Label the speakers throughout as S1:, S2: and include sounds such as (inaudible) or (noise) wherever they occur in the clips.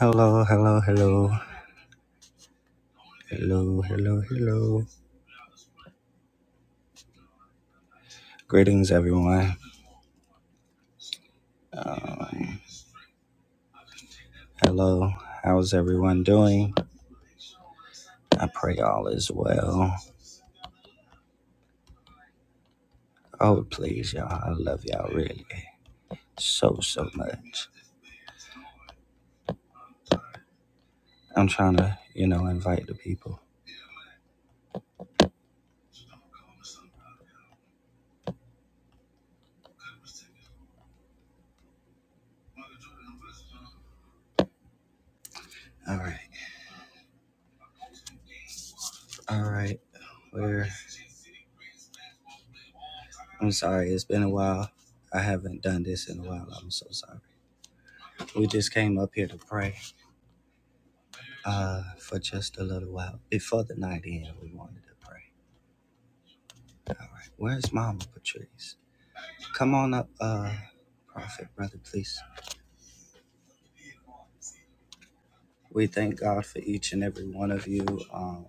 S1: Hello, hello, hello, hello, hello, hello. Greetings, everyone. Um, hello, how's everyone doing? I pray all is well. Oh, please, y'all, I love y'all really so, so much. I'm trying to, you know, invite the people. All right, all right. We're, I'm sorry, it's been a while. I haven't done this in a while. I'm so sorry. We just came up here to pray uh, for just a little while. Before the night end, we wanted to pray. All right. Where's Mama Patrice? Come on up, uh, Prophet, brother, please. We thank God for each and every one of you. Um,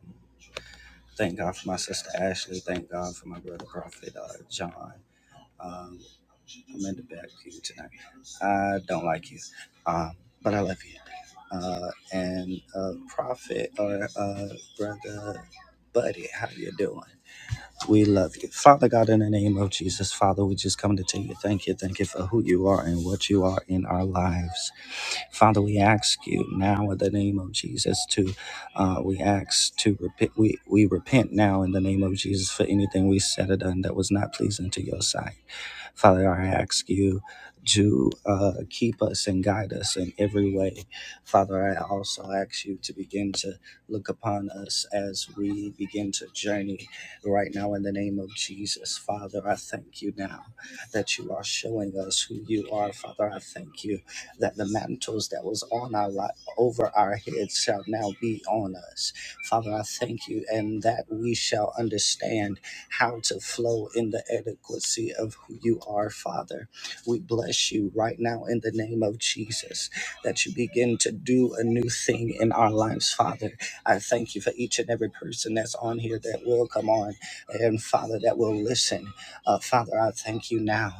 S1: thank God for my sister Ashley. Thank God for my brother, Prophet uh, John. Um, I'm in the back pew tonight. I don't like you, um, but I love you. Uh, and uh, Prophet or uh, brother Buddy, how you doing? We love you. Father God, in the name of Jesus, Father, we just come to tell you thank you. Thank you for who you are and what you are in our lives. Father, we ask you now in the name of Jesus to, uh, we ask to repent. We, we repent now in the name of Jesus for anything we said or done that was not pleasing to your sight. Father, I ask you to uh, keep us and guide us in every way. Father, I also ask you to begin to look upon us as we begin to journey right now in the name of Jesus. Father, I thank you now that you are showing us who you are. Father, I thank you that the mantles that was on our life over our heads shall now be on us. Father, I thank you and that we shall understand how to flow in the adequacy of who you are, Father. We bless you right now in the name of Jesus that you begin to do a new thing in our lives, Father. I thank you for each and every person that's on here that will come on and, Father, that will listen. Uh, Father, I thank you now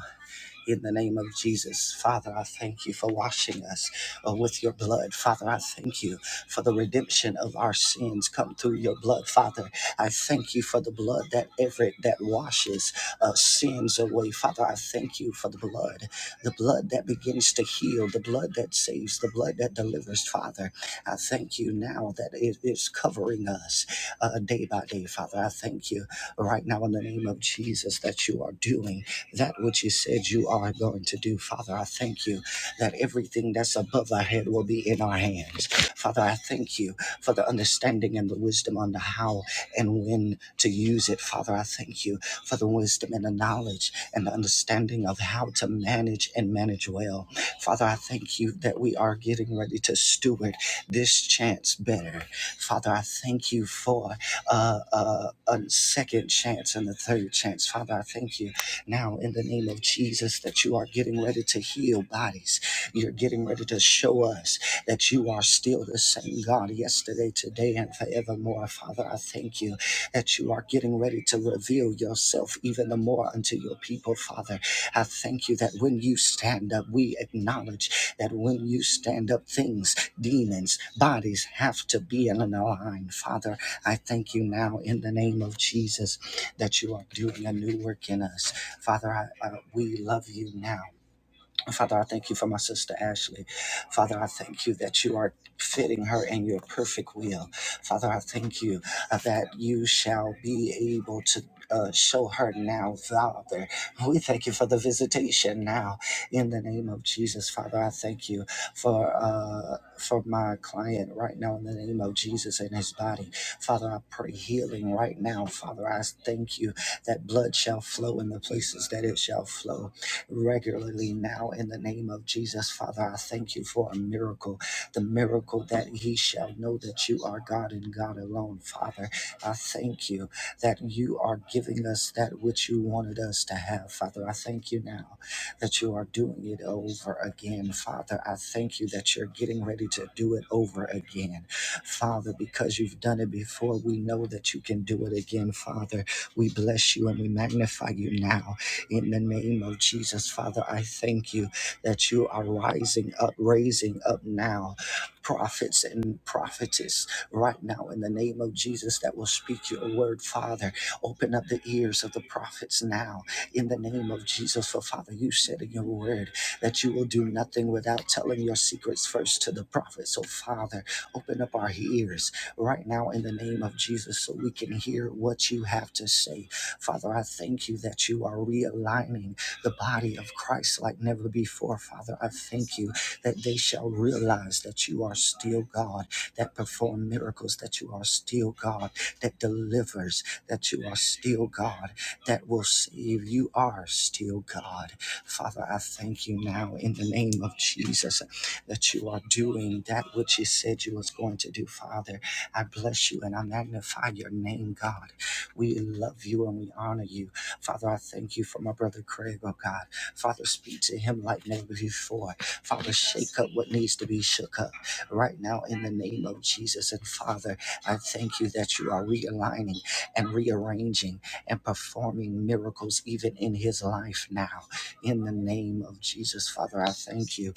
S1: in the name of Jesus. Father, I thank you for washing us uh, with your blood. Father, I thank you for the redemption of our sins come through your blood. Father, I thank you for the blood that every that washes uh, sins away. Father, I thank you for the blood, the blood that begins to heal, the blood that saves, the blood that delivers. Father, I thank you now that it is covering us uh, day by day. Father, I thank you right now in the name of Jesus that you are doing that which you said you are going to do. Father, I thank you that everything that's above our head will be in our hands. Father, I thank you for the understanding and the wisdom on how and when to use it. Father, I thank you for the wisdom and the knowledge and the understanding of how to manage and manage well. Father, I thank you that we are getting ready to steward this chance better. Father, I thank you for uh, uh, a second chance and the third chance. Father, I thank you now in the name of Jesus that you are getting ready to heal bodies. You're getting ready to show us that you are still the same God yesterday, today, and forevermore. Father, I thank you that you are getting ready to reveal yourself even the more unto your people, Father. I thank you that when you stand up, we acknowledge that when you stand up, things, demons, bodies have to be in an line. Father, I thank you now in the name of Jesus that you are doing a new work in us Father, I, uh, we love you now. Father, I thank you for my sister Ashley. Father, I thank you that you are fitting her in your perfect will. Father, I thank you uh, that you shall be able to. Uh, show her now, Father. We thank you for the visitation now, in the name of Jesus, Father. I thank you for uh, for my client right now, in the name of Jesus and his body, Father. I pray healing right now, Father. I thank you that blood shall flow in the places that it shall flow, regularly now in the name of Jesus. Father, I thank you for a miracle, the miracle that he shall know that you are God and God alone. Father, I thank you that you are giving us that which you wanted us to have. Father, I thank you now that you are doing it over again. Father, I thank you that you're getting ready to do it over again. Father, because you've done it before, we know that you can do it again. Father, we bless you and we magnify you now. In the name of Jesus, Father, I thank you that you are rising up, raising up now prophets and prophetess right now in the name of Jesus that will speak your word, Father. Open up the ears of the prophets now in the name of Jesus. For Father, you said in your word that you will do nothing without telling your secrets first to the prophets. So, Father, open up our ears right now in the name of Jesus so we can hear what you have to say Father, I thank you that you are realigning the body of Christ like never before. Father, I thank you that they shall realize that you are still God, that perform miracles, that you are still God, that delivers, that you are still God, that will save. You are still God. Father, I thank you now in the name of Jesus that you are doing that which you said you was going to do, Father. I bless you and I magnify your name, God. We love you and we honor you. Father, I thank you for my brother Craig, oh God. Father, speak to him like never before. Father, shake up what needs to be shook up right now in the name of Jesus. And Father, I thank you that you are realigning and rearranging and performing miracles even in his life now. In the name of Jesus, Father, I thank you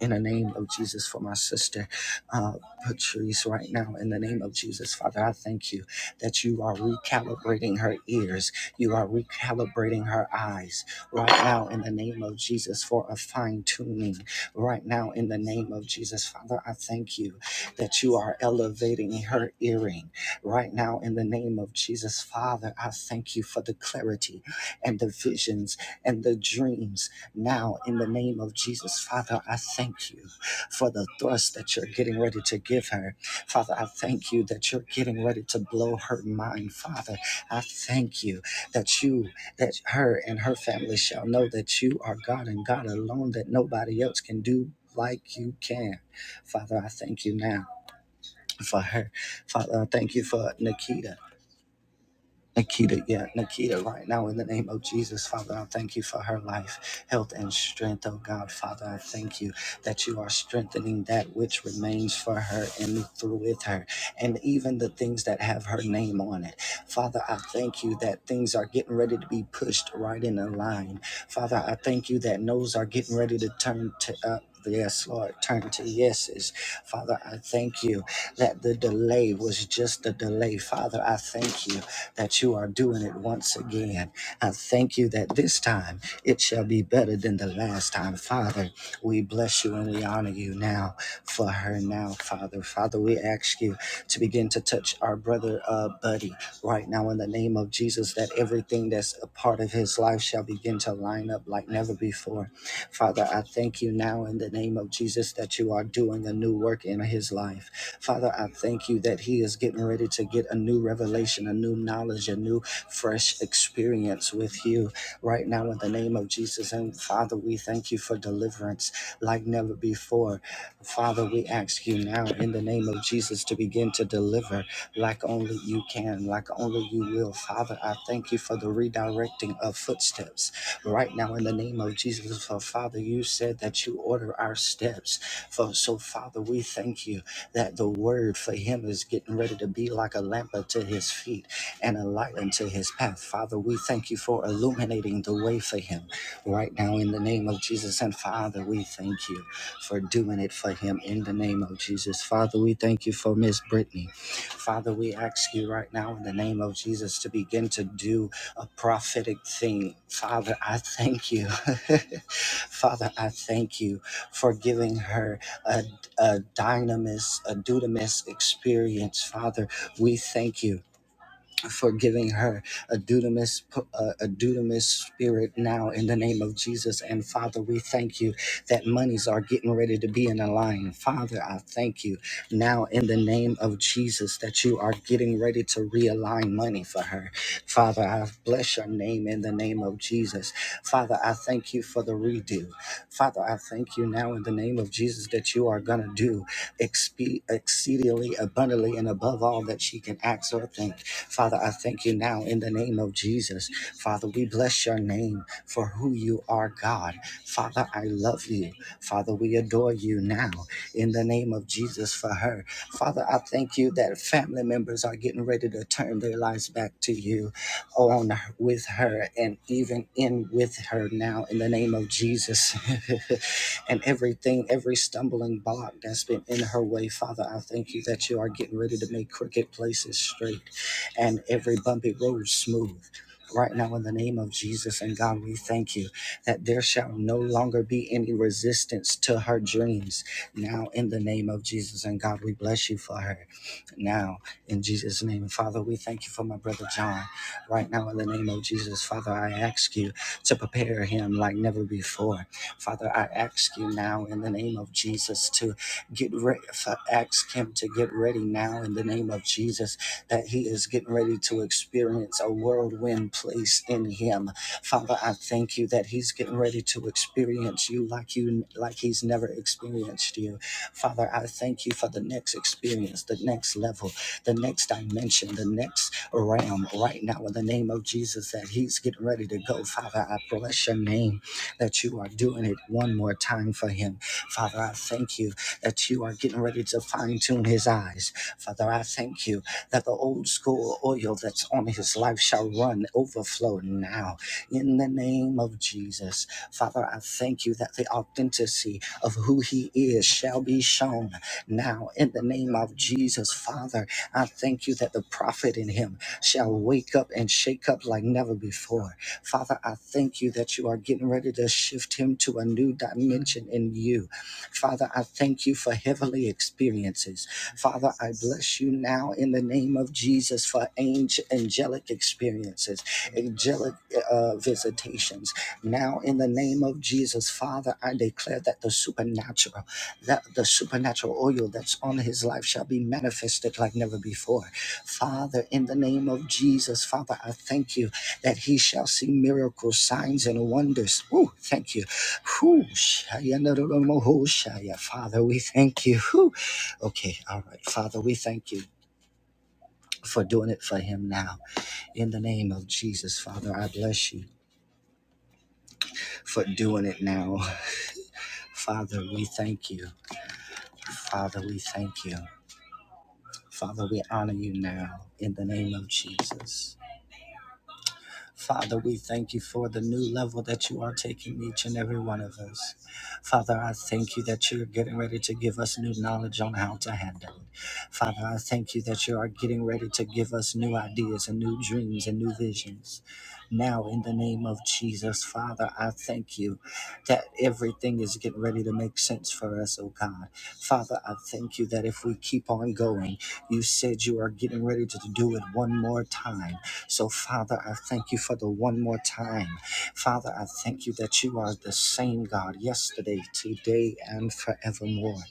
S1: in the name of Jesus for my sister uh, Patrice right now. In the name of Jesus, Father, I thank you that you are recalibrating her ears, you are recalibrating her eyes right now. In the name of Jesus for a fine tuning right now. In the name of Jesus, Father, I thank you that you are elevating her earring right now. In the name of Jesus, Father, I thank you for the clarity and the visions and the dreams now, in the name of Jesus, Father, I thank you for the thrust that you're getting ready to give her. Father, I thank you that you're getting ready to blow her mind. Father, I thank you that you, that her and her family shall know that you are God and God alone, that nobody else can do like you can. Father, I thank you now for her. Father, I thank you for Nikita. Nikita, yeah, Nikita, right now in the name of Jesus, Father, I thank you for her life, health, and strength, oh God, Father, I thank you that you are strengthening that which remains for her and through with her, and even the things that have her name on it. Father, I thank you that things are getting ready to be pushed right in a line. Father, I thank you that no's are getting ready to turn to up. Yes, Lord, turn to yeses. Father, I thank you that the delay was just a delay. Father, I thank you that you are doing it once again. I thank you that this time it shall be better than the last time. Father, we bless you and we honor you now for her now, Father. Father, we ask you to begin to touch our brother, uh, Buddy, right now in the name of Jesus, that everything that's a part of his life shall begin to line up like never before. Father, I thank you now in the name of Jesus that you are doing a new work in his life. Father, I thank you that he is getting ready to get a new revelation, a new knowledge, a new fresh experience with you right now in the name of Jesus. And Father, we thank you for deliverance like never before. Father, we ask you now in the name of Jesus to begin to deliver like only you can, like only you will. Father, I thank you for the redirecting of footsteps right now in the name of Jesus. For Father, you said that you order our steps. For so, Father, we thank you that the word for him is getting ready to be like a lamp unto his feet and a light unto his path. Father, we thank you for illuminating the way for him right now in the name of Jesus. And Father, we thank you for doing it for him in the name of Jesus. Father, we thank you for Miss Brittany. Father, we ask you right now in the name of Jesus to begin to do a prophetic thing. Father, I thank you. (laughs) Father, I thank you for giving her a, a dynamis, a dudamis experience. Father, we thank you for giving her a dunamis, uh, a dunamis spirit now in the name of Jesus. And Father, we thank you that monies are getting ready to be in a line. Father, I thank you now in the name of Jesus that you are getting ready to realign money for her. Father, I bless your name in the name of Jesus. Father, I thank you for the redo. Father, I thank you now in the name of Jesus that you are going to do expe- exceedingly abundantly and above all that she can ask or think. Father, I thank you now in the name of Jesus. Father, we bless your name for who you are, God. Father, I love you. Father, we adore you now in the name of Jesus for her. Father, I thank you that family members are getting ready to turn their lives back to you on with her and even in with her now in the name of Jesus. (laughs) and everything, every stumbling block that's been in her way, Father, I thank you that you are getting ready to make crooked places straight and every bumpy road smooth. Right now, in the name of Jesus and God, we thank you that there shall no longer be any resistance to her dreams. Now, in the name of Jesus and God, we bless you for her. Now, in Jesus' name, Father, we thank you for my brother John. Right now, in the name of Jesus, Father, I ask you to prepare him like never before. Father, I ask you now in the name of Jesus to get ready. Ask him to get ready now in the name of Jesus that he is getting ready to experience a whirlwind place in him. Father, I thank you that he's getting ready to experience you like you like he's never experienced you. Father, I thank you for the next experience, the next level, the next dimension, the next realm right now in the name of Jesus that he's getting ready to go. Father, I bless your name that you are doing it one more time for him. Father, I thank you that you are getting ready to fine tune his eyes. Father, I thank you that the old school oil that's on his life shall run overflow now. In the name of Jesus, Father, I thank you that the authenticity of who he is shall be shown now. In the name of Jesus, Father, I thank you that the prophet in him shall wake up and shake up like never before. Father, I thank you that you are getting ready to shift him to a new dimension in you. Father, I thank you for heavenly experiences. Father, I bless you now in the name of Jesus for angel, angelic experiences, angelic uh, visitations. Now in the name of Jesus, Father, I declare that the supernatural, that the supernatural oil that's on his life shall be manifested like never before. Father, in the name of Jesus, Father, I thank you that he shall see miracles, signs, and wonders. Ooh, thank you. Whoo, shaya, na, na, na, mo, ho, shaya. Father, we thank you. Whew. Okay, all right. Father, we thank you for doing it for him now. In the name of Jesus, Father, I bless you for doing it now. Father, we thank you. Father, we thank you. Father, we honor you now in the name of Jesus. Father, we thank you for the new level that you are taking each and every one of us. Father, I thank you that you're getting ready to give us new knowledge on how to handle it. Father, I thank you that you are getting ready to give us new ideas and new dreams and new visions. Now, in the name of Jesus, Father, I thank you that everything is getting ready to make sense for us, oh God. Father, I thank you that if we keep on going, you said you are getting ready to do it one more time. So, Father, I thank you for the one more time. Father, I thank you that you are the same God yesterday, today, and forevermore.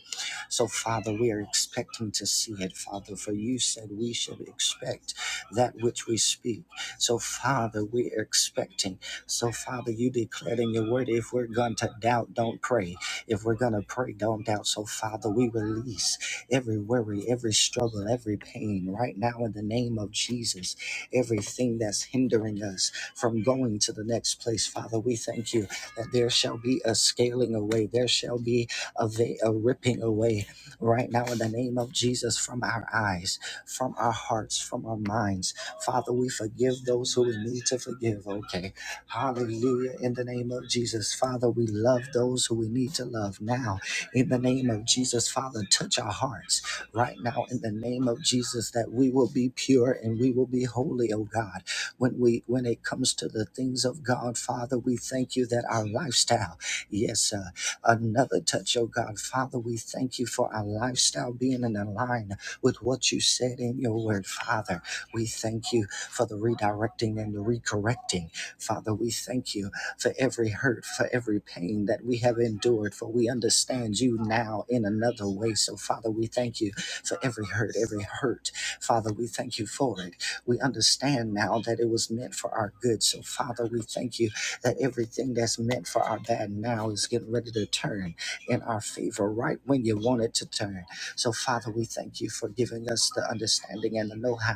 S1: So, Father, we are expecting to see it, Father, for you said we should expect that which we speak. So, Father, we are expecting. So, Father, you declared in your word if we're going to doubt, don't pray. If we're going to pray, don't doubt. So, Father, we release every worry, every struggle, every pain right now in the name of Jesus everything that's hindering us from going to the next place. Father, we thank you that there shall be a scaling away, there shall be a, va- a ripping away right now in the name of Jesus from our eyes, from our hearts, from our minds. Father, we forgive those who we need to forgive, okay? Hallelujah. In the name of Jesus, Father, we love those who we need to love now. In the name of Jesus, Father, touch our hearts right now in the name of Jesus that we will be pure and we will be holy, oh God. When we when it comes to the things of God, Father, we thank you that our lifestyle, yes, uh, another touch, oh God. Father, we thank you for our lifestyle being in line with what you said in your word, Father. We thank you for the redirecting and the recorrecting. Father, we thank you for every hurt, for every pain that we have endured, for we understand you now in another way. So, Father, we thank you for every hurt, every hurt. Father, we thank you for it. We understand now that it was meant for our good. So, Father, we thank you that everything that's meant for our bad now is getting ready to turn in our favor right when you want it to turn. So, Father, we thank you for giving us the understanding and the know how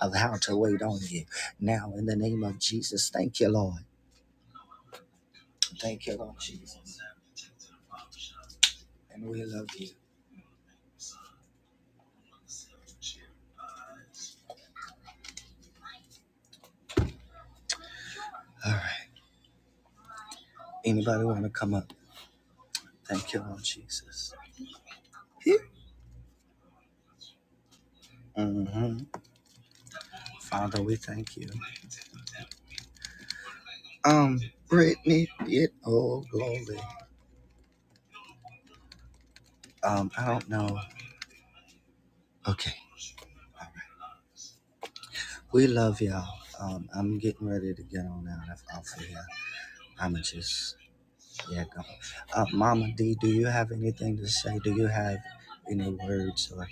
S1: of how to wait on you. Now, in the name of Jesus, thank you, Lord. Thank you, Lord Jesus. And we love you. All right. Anybody want to come up? Thank you, Lord Jesus. hmm Father, we thank you. Um, Brittany, get old glory. Um, I don't know. Okay. We love y'all. Um, I'm getting ready to get on out of off of here. I'm just yeah. Go. Uh, Mama D, do you have anything to say? Do you have any words or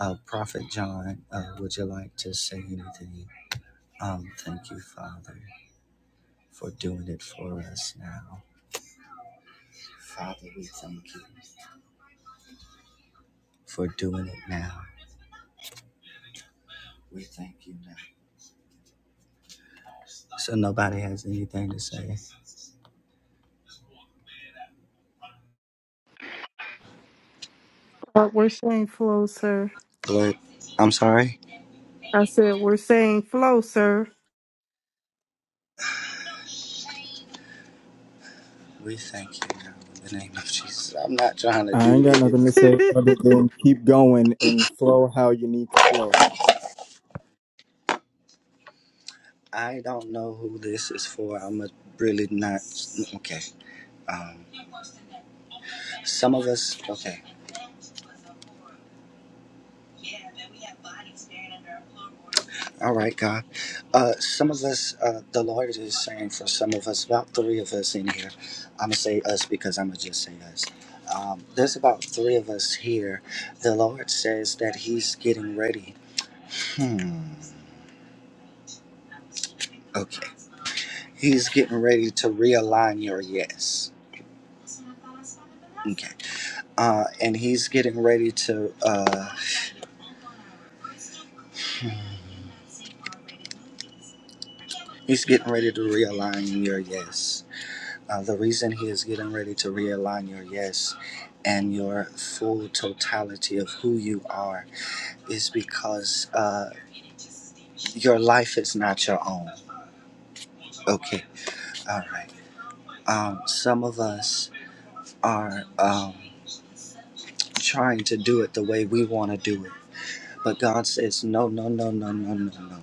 S1: uh, Prophet John? Uh, would you like to say anything? Um, thank you, Father, for doing it for us now. Father, we thank you for doing it now. We thank you now. So nobody has anything to say.
S2: Uh, we're saying flow, sir.
S1: But I'm sorry.
S2: I said we're saying flow, sir.
S1: We thank you now in the name of Jesus. I'm not trying to
S3: I
S1: do
S3: ain't got nothing to
S1: this.
S3: say other
S2: (laughs)
S3: than keep going and flow how you need to flow.
S1: I don't know who this is for. I'm a really not. Okay. Um. Some of us. Okay. All right, God. Uh, some of us, uh, the Lord is saying for some of us, about three of us in here. I'm gonna say us because I'm gonna just say us. Um, there's about three of us here. The Lord says that He's getting ready Hmm. Okay. He's getting ready to realign your yes. Okay. Uh, and he's getting ready to. Uh, He's getting ready to realign your yes. Uh, the reason he is getting ready to realign your yes and your full totality of who you are is because uh, your life is not your own. Okay, all right. Um, some of us are. Um, trying to do it the way we want to do it. But God says, no, no, no, no, no, no, no. no.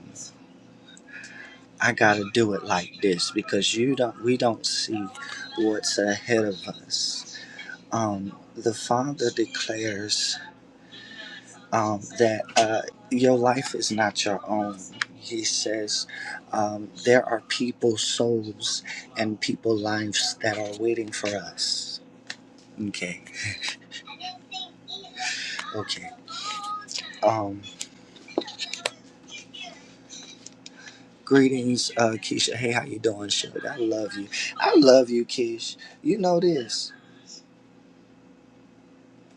S1: I gotta do it like this because you don't. We don't see what's ahead of us. Um, the Father declares um, that uh, your life is not your own. He says um, there are people's souls and people lives that are waiting for us. Okay, okay. Um. Greetings, uh, Keisha. Hey, how you doing, Suge? I love you. I love you, Keish. You know this.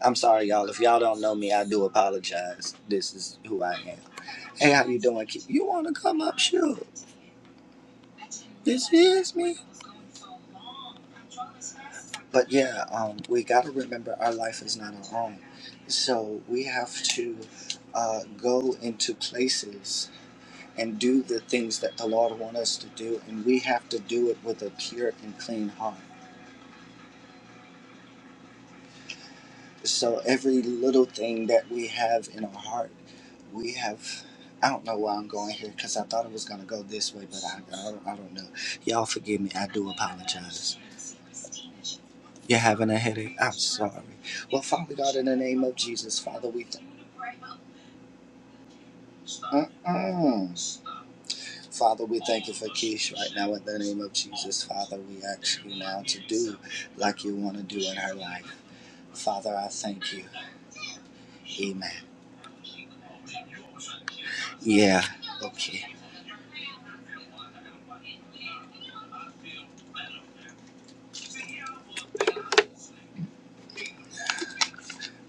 S1: I'm sorry, y'all. If y'all don't know me, I do apologize. This is who I am. Hey, how you doing, Keish? You want to come up, Suge? This is me. But yeah, um, we got to remember our life is not our own. So we have to uh, go into places and do the things that the Lord wants us to do, and we have to do it with a pure and clean heart. So every little thing that we have in our heart, we have. I don't know why I'm going here because I thought it was going to go this way, but I, I, don't, I don't know. Y'all forgive me. I do apologize. You're having a headache? I'm sorry. Well, Father God, in the name of Jesus, Father, we thank Mm-mm. Father, we thank you for Keish right now in the name of Jesus. Father, we ask you now to do like you want to do in her life. Father, I thank you. Amen. Yeah. Okay.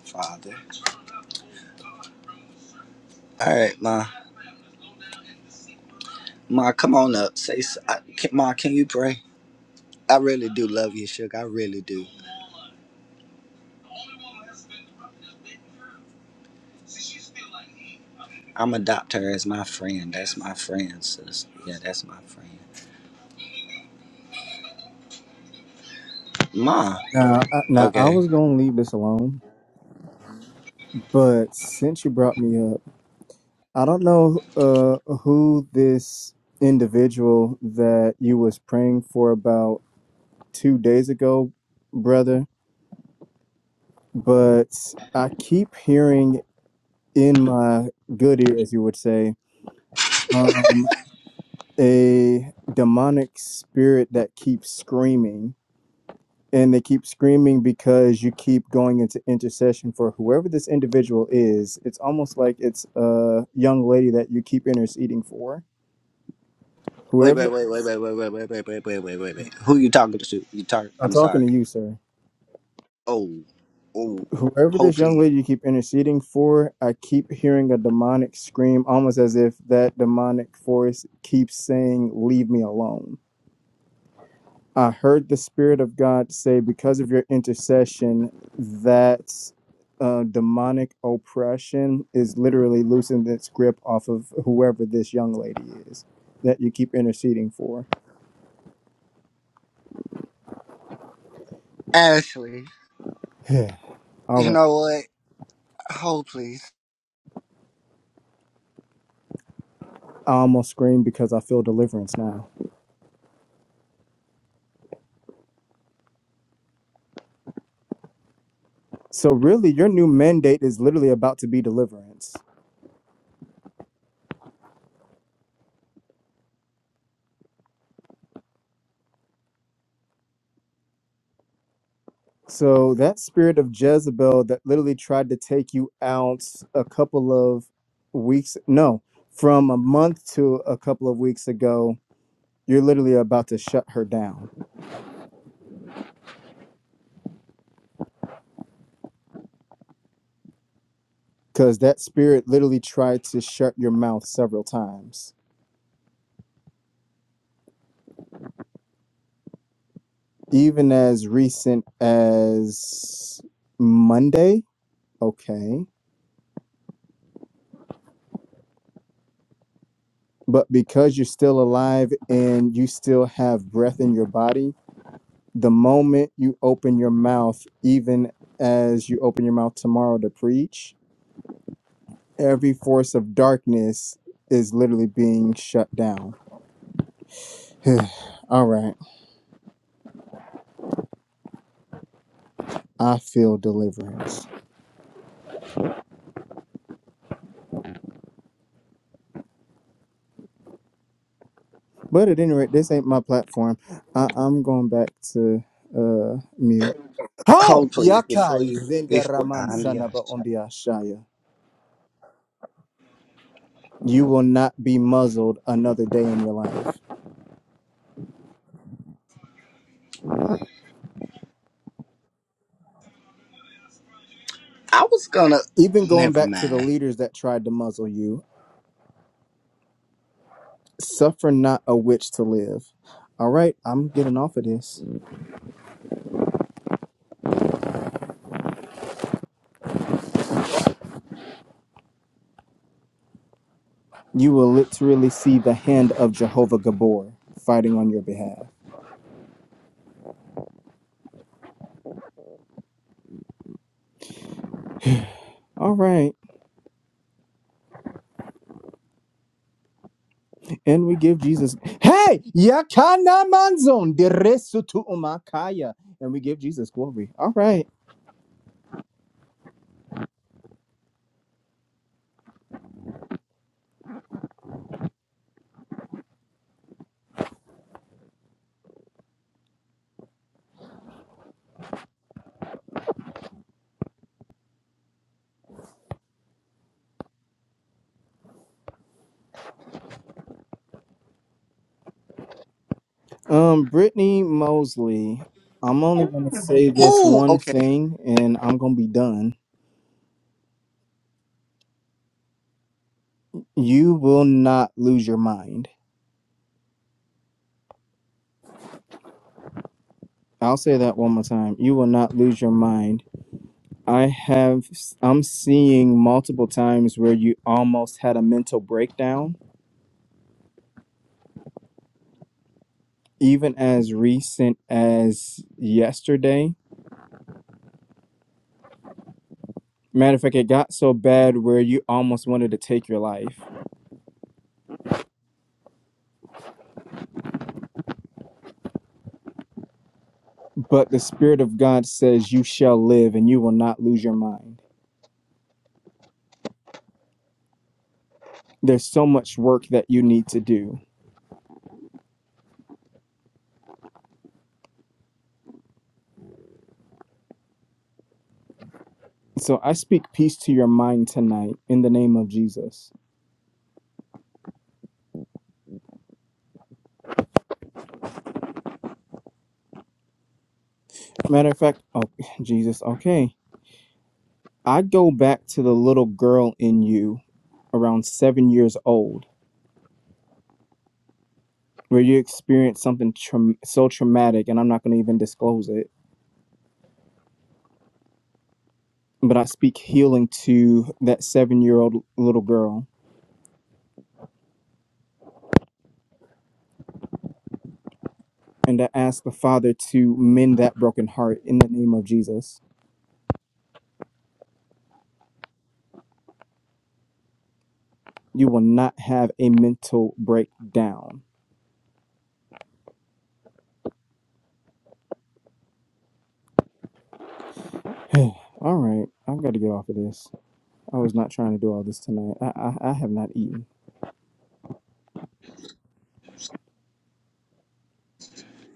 S1: Father. All right, Ma. Ma, come on up. Say, s- I- can- Ma, can you pray? I really do love you, Sugar. I really do. I'm adopt her as my friend. That's my friend, sis. Yeah, that's my friend. Ma.
S3: Now, I, now I
S1: Okay.
S3: was gonna leave this alone, but since you brought me up, I don't know uh, who this individual that you was praying for about two days ago, brother. But I keep hearing in my good ear, as you would say, um, a demonic spirit that keeps screaming and they keep screaming because you keep going into intercession for whoever this individual is. It's almost like it's a young lady that you keep interceding for.
S1: Wait, wait,
S3: Whoever,
S1: wait, wait, wait, wait, wait, wait, wait, wait, wait, wait, wait, wait. Who you talking to? You talk.
S3: I'm
S1: I'm
S3: talking to
S1: sorry.
S3: you, sir.
S1: Oh, oh.
S3: Whoever
S1: Hold
S3: this young
S1: please.
S3: lady you keep interceding for, I keep hearing a demonic scream, almost as if that demonic force keeps saying, Leave me alone. I heard the Spirit of God say, because of your intercession, that uh, demonic oppression is literally loosening its grip off of whoever this young lady is that you keep interceding for.
S1: Ashley.
S3: Yeah. All
S1: You
S3: right.
S1: know what? Hold please.
S3: I almost screamed because I feel deliverance now. So, really, your new mandate is literally about to be deliverance. So that spirit of Jezebel that literally tried to take you out a couple of weeks, no, from a month to a couple of weeks ago, you're literally about to shut her down because that spirit literally tried to shut your mouth several times, even as recent as Monday. Okay. But because you're still alive and you still have breath in your body, the moment you open your mouth, even as you open your mouth tomorrow to preach, every force of darkness is literally being shut down. (sighs) All right, I feel deliverance. But at any rate, this ain't my platform. I- I'm going back to uh mute. How
S1: Hold please. Before
S3: yakai
S1: you, before.
S3: zenderaman
S1: I'm yes.
S3: sanaba ondiashaya. You will not be muzzled another day in your life.
S1: I was gonna.
S3: Even going
S1: Never
S3: back to the
S1: mind.
S3: leaders that tried to muzzle you, Suffer not a witch to live. All right, I'm getting off of this. You will literally see the hand of Jehovah Gabor fighting on your behalf. All right, and we give Jesus, hey, yakana manzon de resutu umakaya, and we give Jesus glory. All right, um, Brittany Mosley, I'm only gonna say this
S1: Oh,
S3: one
S1: okay.
S3: thing, and I'm gonna be done. You will not lose your mind. I'll say that one more time. You will not lose your mind I have I'm seeing multiple times where you almost had a mental breakdown, even as recent as yesterday. Matter of fact, it got so bad where you almost wanted to take your life. But the Spirit of God says you shall live and you will not lose your mind. There's so much work that you need to do. So I speak peace to your mind tonight in the name of Jesus. Matter of fact, oh, (laughs) Jesus, okay. I go back to the little girl in you around seven years old where you experience something traum so traumatic, and I'm not going to even disclose it, but I speak healing to that seven year old little girl. And I ask the Father to mend that broken heart in the name of Jesus. You will not have a mental breakdown. (sighs) all right, I've got to get off of this. I was not trying to do all this tonight. I, I, I have not eaten.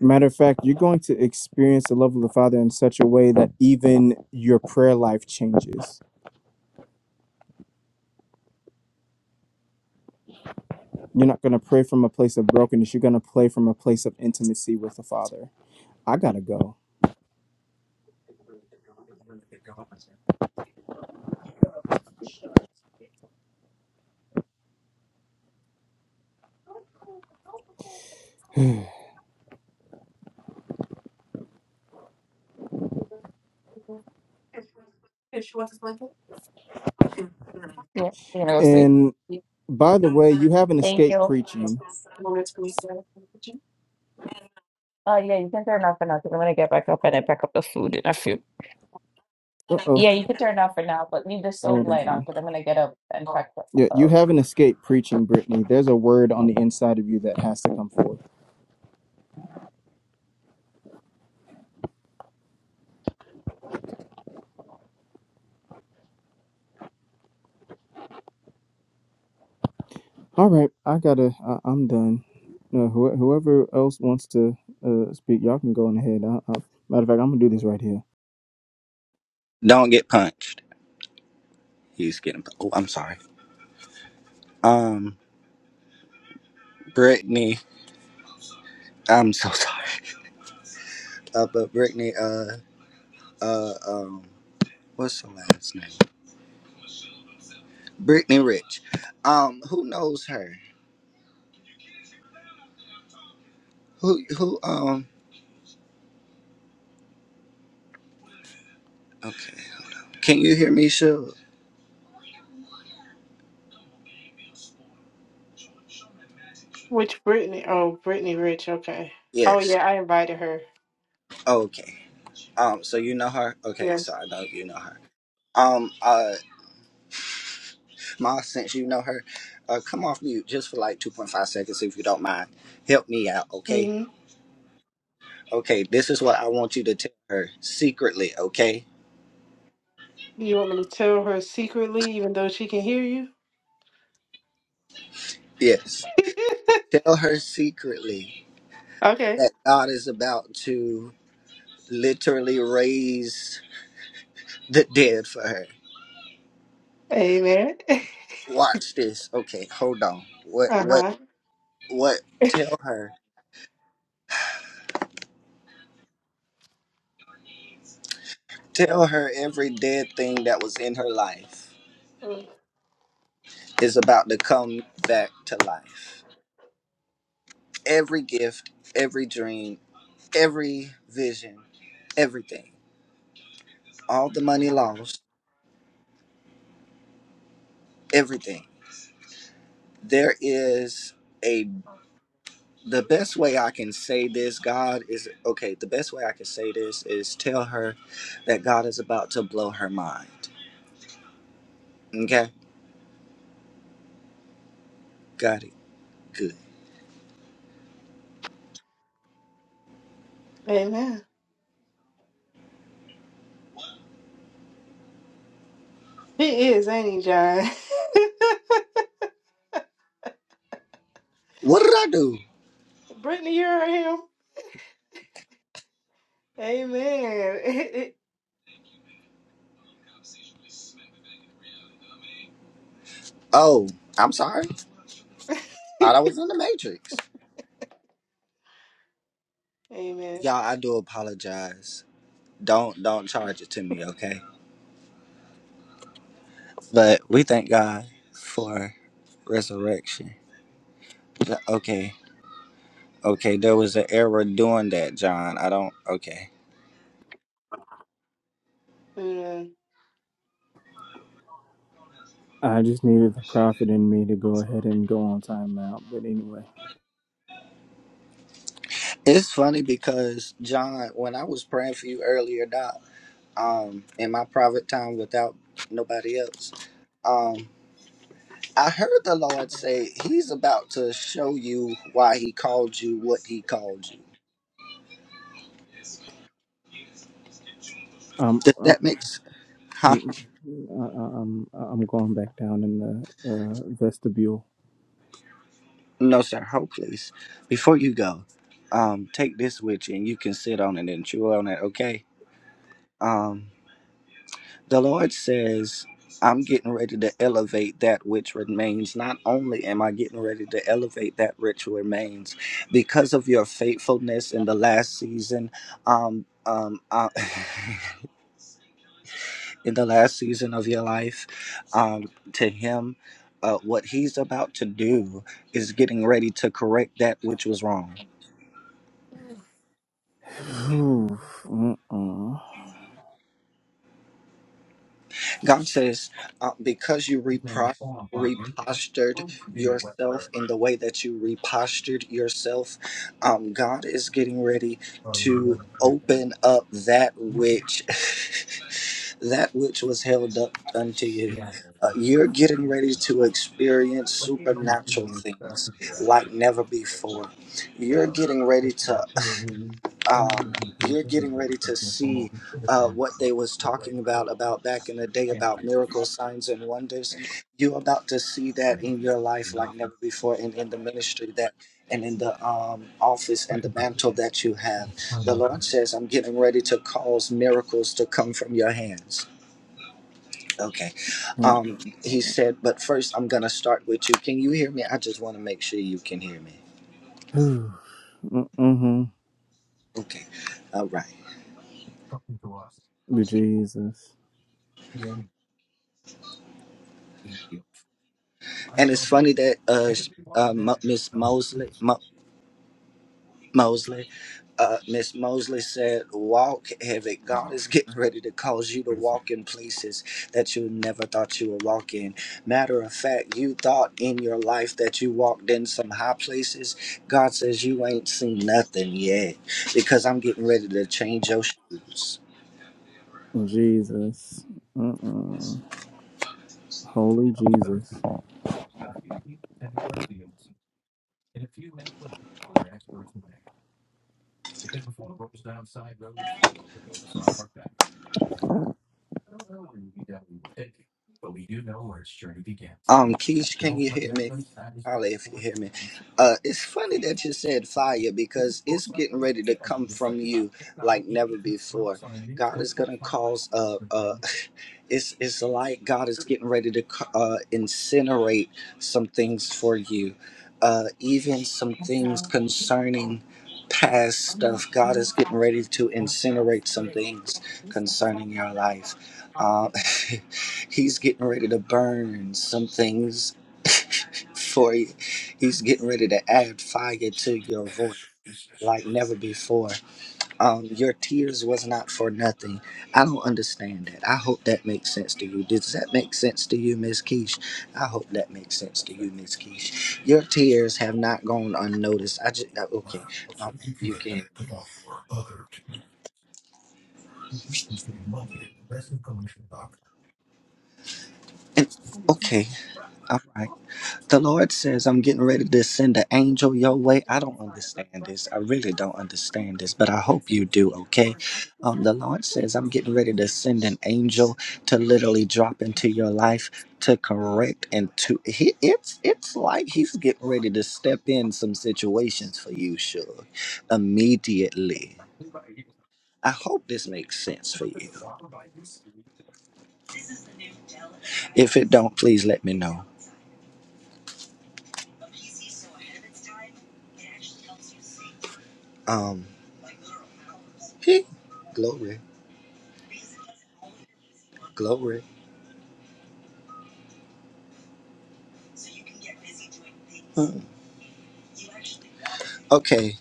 S3: Matter of fact, you're going to experience the love of the Father in such a way that even your prayer life changes You're not going to pray from a place of brokenness. You're going to pray from a place of intimacy with the Father. I got to go. (sighs)
S4: If she wants to blanket. Yeah, you know, sweet.
S3: And by the way, you haven't
S4: Thank
S3: escaped
S4: you. You
S3: preaching.
S4: Want me to go sit in the kitchen? Uh, yeah, you can turn off for now because I'm gonna get back up and I pack up the food in a few.
S3: Uh oh.
S4: Yeah, you can turn off for now, but leave the stove
S3: Hold
S4: light on
S3: on.
S4: because I'm gonna get up and Oh. pack
S3: Yeah, you
S4: up.
S3: haven't escaped preaching, Brittany. There's a word on the inside of you that has to come forth. All right, I gotta. I, am done. No, who, whoever else wants to uh, speak, y'all can go on ahead. I, I, matter of fact, I'm gonna do this right here.
S1: Don't get punched. He's getting. Oh, I'm sorry. Um, Brittany. I'm so (laughs) sorry. Uh, but Brittany. Uh, uh, um, what's her last name? Brittany Rich. Um, who knows her? Who, who? Um, okay. Can you hear me, Sure.
S2: Which Brittany? Oh, Brittany Rich. Okay. Oh
S1: Yes.
S2: yeah, I invited her.
S1: Okay. Um, so you know her? Okay, so
S2: Yes.
S1: I know you know her. Um, uh, Ma, since you know her, uh, come off mute just for like 2.5 seconds if you don't mind. Help me out, okay?
S2: hmm
S1: Okay, this is what I want you to tell her secretly, okay?
S2: You want me to tell her secretly, even though she can hear you?
S1: Yes. Tell her secretly
S2: (laughs) okay.
S1: that God is about to literally raise the dead for her.
S2: Amen. (laughs)
S1: Watch this. Okay, hold on. What what
S2: Uh
S1: what tell her. Tell her every dead thing that was in her life
S2: huh.
S1: is about to come back to life. Every gift, every dream, every vision, everything. All the money lost, everything there is a the best way I can say this, God is okay, the best way I can say this is tell her that God is about to blow her mind. Okay? Got it. Good.
S2: Amen. He is, ain't he, John?
S1: What did I do?
S2: (laughs) Brittany, you heard him. Amen.
S1: Oh, I'm sorry. Thought I was in the matrix.
S2: (laughs) Amen.
S1: Y'all, I do apologize. Don't don't charge it to me, okay? But we thank God for resurrection. Okay. Okay, there was an error doing that, John. I don't okay.
S3: I just needed the prophet in me to go ahead and go on timeout. But anyway,
S1: It's funny because John, when I was praying for you earlier, Doc, um, in my private time without nobody else, um, I heard the Lord say He's about to show you why He called you what He called you.
S3: um,
S1: Does
S3: um,
S1: that make sense? Huh?
S3: Mm, mm, mm, I, I- I'm I'm going back down in the uh, vestibule.
S1: No, sir. Hold, please. Before you go, um, take this with you and you can sit on it and chew on it, okay? Um, The Lord says, I'm getting ready to elevate that which remains. Not only am I getting ready to elevate that which remains, because of your faithfulness in the last season, um, um, uh, (laughs) in the last season of your life, um, to Him, uh, what He's about to do is getting ready to correct that which was wrong.
S3: Mm-mm.
S1: God says, uh, because you repro- repostured yourself in the way that you repostured yourself, um, God is getting ready to open up that which (laughs) that which was held up unto you. Uh, you're getting ready to
S4: Uh,
S1: experience
S4: What do you do to
S1: supernatural
S4: you
S1: things
S4: started your ad?
S1: like
S4: from the
S1: never
S4: market?
S1: before. You're getting ready
S4: Which
S1: to
S4: lot here, you, and then
S1: um,
S4: you can
S1: you're
S4: use it in the
S1: getting
S4: river,
S1: ready
S4: but
S1: to
S4: you come over
S1: see
S4: to the
S1: uh,
S4: down.
S1: what they was
S4: Look right.
S1: talking about about back in the day
S4: Can't
S1: about
S4: be.
S1: miracles signs and wonders you're about to see that
S4: anything.
S1: in your life like
S4: Nothing.
S1: never before and in the ministry that and in the um, office and the
S4: Nothing to
S1: mantle
S4: it.
S1: that you have
S4: On
S1: the
S4: that,
S1: lord says i'm getting ready to cause miracles to come from your hands okay um, he said but first i'm gonna start with you can you hear me i just want to make sure you can hear me
S3: Mm-mm.
S1: okay all right
S4: it's talking to us.
S3: Jesus,
S4: Again. I
S1: And it's
S4: thought
S1: funny that uh, sh- uh,
S4: everyone
S1: Mo-
S4: then.
S1: Miss
S4: Oh,
S1: Mosley,
S4: this.
S1: Mo- Mosley, uh, Miss Mosley said, "Walk heavy. God
S4: now.
S1: is (laughs) getting ready to cause you to walk in places that you never thought you would walk in. Matter of fact, you thought in your life that you walked in some high places. God says you ain't seen nothing yet, because I'm getting ready to change your shoes."
S3: Jesus, Uh-uh. Holy
S4: It all starts
S3: Jesus.
S4: here. The field, and in our fields. In a few minutes, when we're experts in there? Because before it rolls down side roads, it rolls off our back. No, no, We Don't know where UBW will take you, but we do know where its journey begins.
S1: Um, Keish,
S4: We
S1: can
S4: hope
S1: you
S4: like
S1: hear
S4: that
S1: me?
S4: way side is
S1: Holly,
S4: crossed
S1: if you
S4: forward.
S1: hear me.
S4: and we see
S1: Uh, it's funny that you said fire
S4: This is
S1: because it's
S4: books like
S1: getting
S4: many
S1: ready
S4: books
S1: to
S4: in it,
S1: come
S4: it is
S1: from
S4: seventy-five,
S1: you
S4: but now
S1: like never
S4: he even
S1: before.
S4: smokes on a new
S1: God
S4: twenty
S1: is
S4: point
S1: gonna
S4: five.
S1: cause
S4: five.
S1: uh
S4: For
S1: uh,
S4: ninety.
S1: (laughs) it's it's like God is getting ready to c- uh incinerate some things for you, uh even some
S4: That's
S1: things
S4: how we, oh,
S1: concerning past
S4: I'm gonna,
S1: stuff. God is
S4: talk
S1: getting
S4: to
S1: ready
S4: you
S1: to
S4: about what it was.
S1: incinerate some
S4: Yeah.
S1: things
S4: And who's that from?
S1: concerning your life.
S4: Oh,
S1: Um,
S4: goodness.
S1: (laughs) He's getting ready to burn some things (laughs) for you. He's getting ready to add fire to your voice
S4: This is.
S1: like never before. Um, your tears was not for nothing. I don't understand that. I hope that makes sense to you. Does that make sense to you, Miss Keish? I hope that makes sense to
S4: perfect.
S1: you, Miss Keish. Your tears have not gone unnoticed. I just uh,
S4: Wow,
S1: okay. All
S4: so
S1: right,
S4: you can
S1: you
S4: get
S1: can.
S4: that. It's the market, the rest of commercial doc.
S1: And, okay, all right. The Lord says, I'm getting ready to send an angel your way. I don't understand this. I really don't understand this, but I hope you do, okay? Um, the Lord says, I'm getting ready to send an angel to literally drop into your life to correct and to he, it's it's like he's getting ready to step in some situations for you sure immediately i hope this makes sense for you if it don't please let me know um (laughs) glory Glory. Mm. Okay.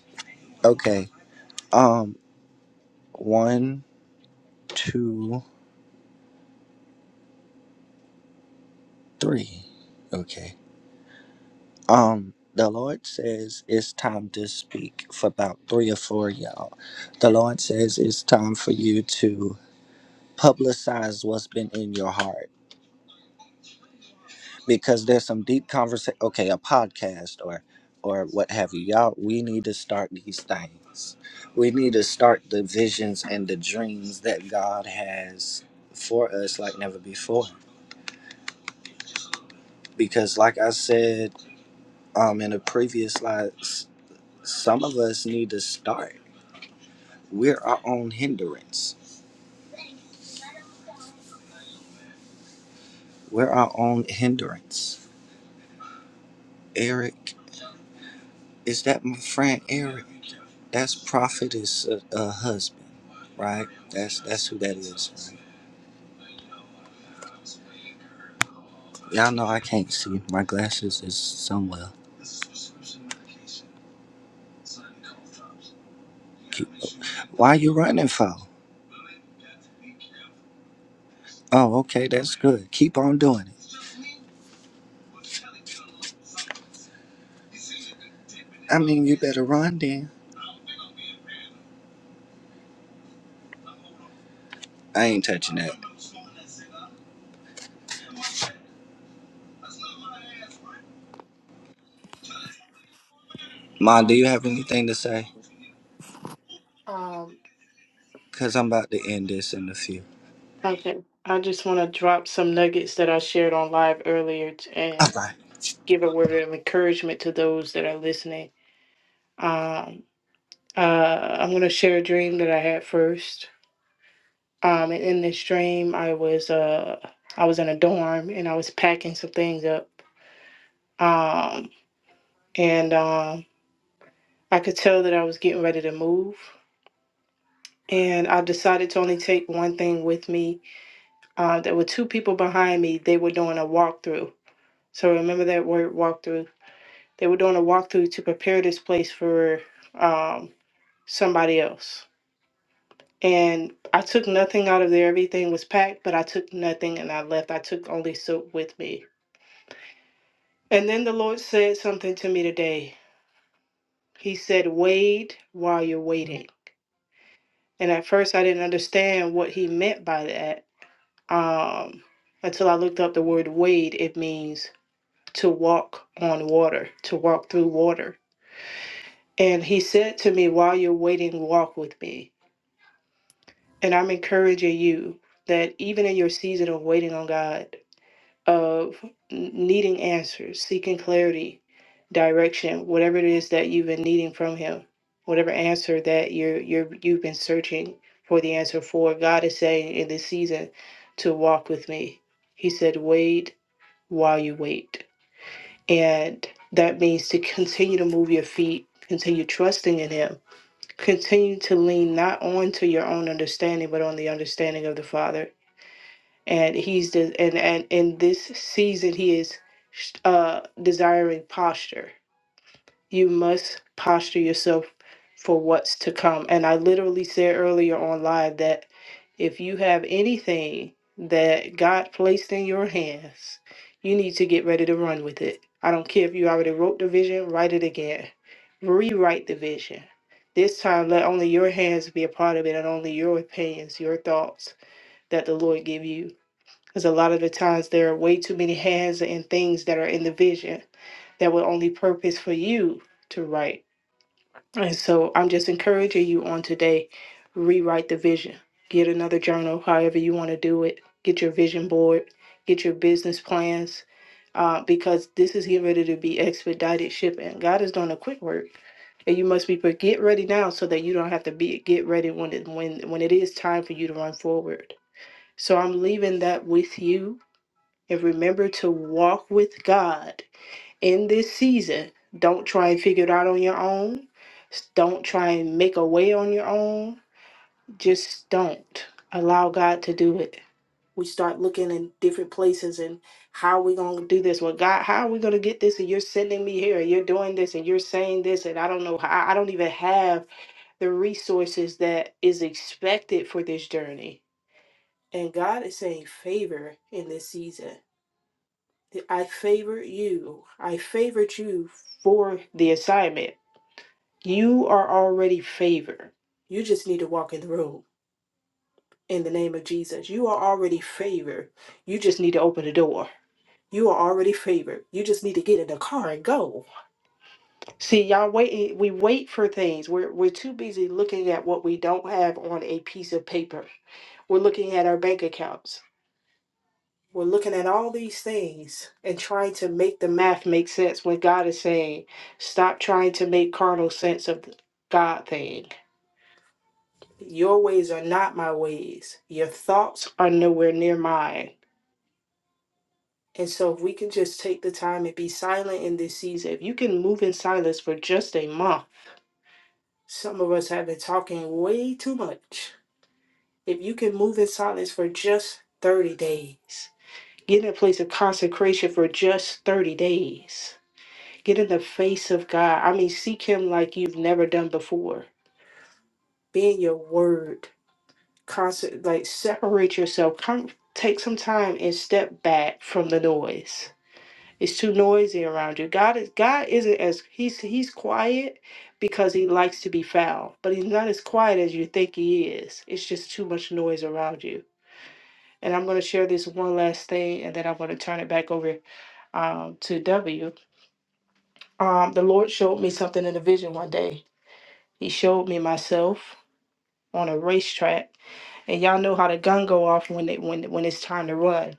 S1: Okay. Um, one, two, three. Okay. Um, the Lord says it's time to speak for about three or four of y'all. The Lord says it's time for you to publicize what's been in your heart. because there's some deep conversation okay a podcast or or what have you y'all we need to start these things we need to start the visions and the dreams that god has for us like never before because like i said um in a previous slide some of us need to start we're our own hindrance we're our own hindrance eric is that my friend eric that's prophet a, a husband right that's that's who that is right? Y'all know I can't see. My glasses is somewhere. Keep, why you running for? Oh, okay, that's good. Keep on doing it. I mean, you better run then. I ain't touching that. Ma, do
S2: Amen.
S1: you have anything to say?
S2: Um,
S1: Because I'm about to end this in a few.
S2: Okay. I just want to drop some nuggets that I shared on live earlier t-
S1: All
S2: and
S1: right.
S2: give a word of encouragement to those that are listening. Um, uh, I'm going to share a dream that I had first. Um, and in this dream, I was uh, I was in a dorm and I was packing some things up. Um, and um, I could tell that I was getting ready to move. And I decided to only take one thing with me. Uh, there were two people behind me. They were doing a walkthrough. So remember that word walkthrough They were doing a walkthrough to prepare this place for um, somebody else. And I took nothing out of there. Everything was packed, but I took nothing and I left. I took only soap with me. And then the Lord said something to me today. He said, Wait while you're waiting. And at first, I didn't understand what he meant by that um, until I looked up the word wade. It means to walk on water, to walk through water. And he said to me, While you're waiting, walk with me And I'm encouraging you that even in your season of waiting on God, of n- needing answers, seeking clarity, direction, whatever it is that you've been needing from Him, whatever answer that you're, you're you've been searching for the answer for, God is saying in this season to walk with me. He said, "Wait while you wait," and that means to continue to move your feet, continue trusting in Him continue to lean not on to your own understanding but on the understanding of the father and he's the and and in this season he is uh desiring posture you must posture yourself for what's to come. And I literally said earlier on live that if you have anything that God placed in your hands, you need to get ready to run with it. I don't care if you already wrote the vision, write it again. Rewrite the vision. This time, let only your hands be a part of it and only your opinions, your thoughts that the Lord give you. Because a lot of the times there are way too many hands and things that are in the vision that were only purpose for you to write and so I'm just encouraging you on today rewrite the vision. Get another journal, however you want to do it. Get your vision board, get your business plans, uh, because this is getting ready to be expedited shipping. God is doing a quick work. And you must be but get ready now so that you don't have to be get ready when it when when it is time for you to run forward. So I'm leaving that with you and remember to walk with God in this season. Don't try and figure it out on your own. S- Don't try and make a way on your own. Just don't allow God to do it. We start looking in different places and how are we going to do this? Well, God, how are we going to get this? And you're sending me here and you're doing this and you're saying this. And I don't know how, I don't even have the resources that is expected for this journey. And God is saying favor in this season I favor you. I favored you for the assignment. You are already favored. You just need to walk in the room in the name of Jesus. You are already favored. You just need to open the door. You are already favored. You just need to get in the car and go. See, y'all waiting. We wait for things. We're we're too busy looking at what we don't have on a piece of paper. We're looking at our bank accounts. We're looking at all these things and trying to make the math make sense when God is saying, stop trying to make carnal sense of the God thing. Your ways are not my ways. Your thoughts are nowhere near mine. And so, if we can just take the time and be silent in this season, if you can move in silence for just a month, some of us have been talking way too much. If you can move in silence for just 30 days, get in a place of consecration for just 30 days Get in the face of God. I mean, seek Him like you've never done before. Be in your word. Constant, like separate yourself. Come, take some time and step back from the noise. It's too noisy around you. God is God isn't as he's he's quiet because he likes to be found, but he's not as quiet as you think he is. It's just too much noise around you. And I'm going to share this one last thing, and then I'm going to turn it back over um, to W. Um, the Lord showed me something in a vision one day He showed me myself on a racetrack, and y'all know how the gun go off when it when when it's time to run.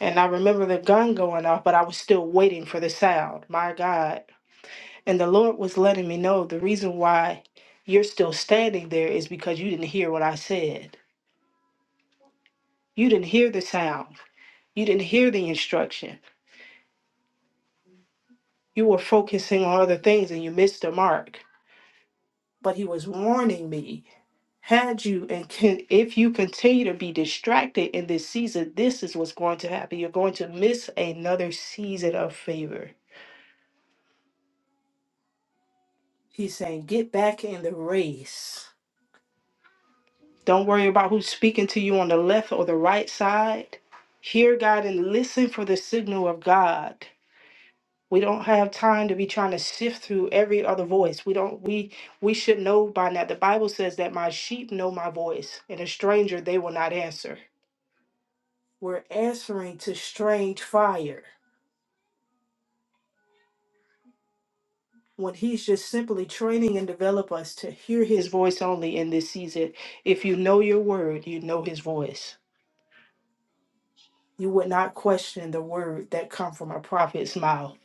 S2: And I remember the gun going off, but I was still waiting for the sound. My God! And the Lord was letting me know the reason why you're still standing there is because you didn't hear what I said. You didn't hear the sound. You didn't hear the instruction. You were focusing on other things and you missed the mark. But He was warning me had you and can if you continue to be distracted in this season this is what's going to happen you're going to miss another season of favor he's saying get back in the race don't worry about who's speaking to you on the left or the right side hear god and listen for the signal of god we don't have time to be trying to sift through every other voice we don't we we should know by now the bible says that my sheep know my voice and a stranger they will not answer we're answering to strange fire when he's just simply training and develop us to hear his voice only in this season if you know your word you know his voice you would not question the word that come from a prophet's mouth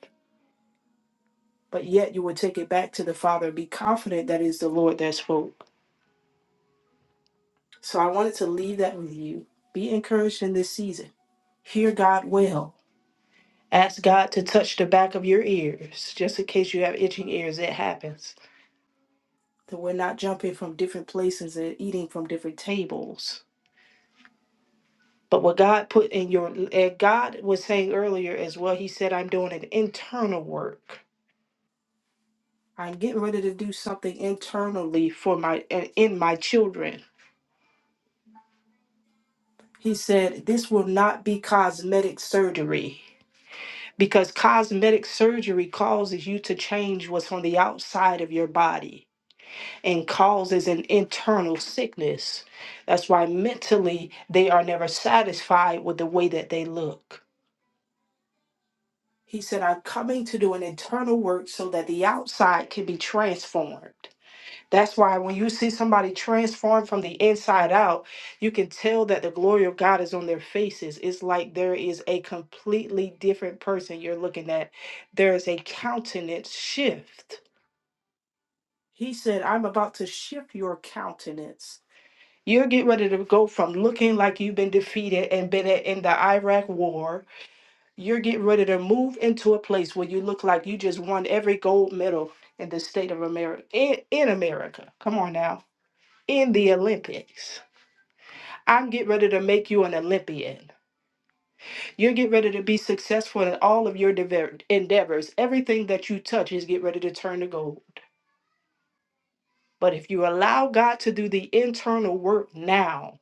S2: but yet you would take it back to the father and be confident that it's the lord that spoke so i wanted to leave that with you be encouraged in this season hear god well ask god to touch the back of your ears just in case you have itching ears it happens that we're not jumping from different places and eating from different tables. But what God put in your, and God was saying earlier as well, He said, I'm doing an internal work. I'm getting ready to do something internally for my, and in my children. He said, This will not be cosmetic surgery because cosmetic surgery causes you to change what's on the outside of your body and causes an internal sickness. That's why mentally they are never satisfied with the way that they look. He said, I'm coming to do an internal work so that the outside can be transformed. That's why when you see somebody transformed from the inside out, you can tell that the glory of God is on their faces. It's like there is a completely different person you're looking at. There is a countenance shift. He said, I'm about to shift your countenance. You're getting ready to go from looking like you've been defeated and been i- in the Iraq war. You're getting ready to move into a place where you look like you just won every gold medal in the state of America, in, in America. Come on now. In the Olympics. I'm getting ready to make you an Olympian. You're getting ready to be successful in all of your dever- endeavors. Everything that you touch is get ready to turn to gold. But if you allow God to do the internal work now,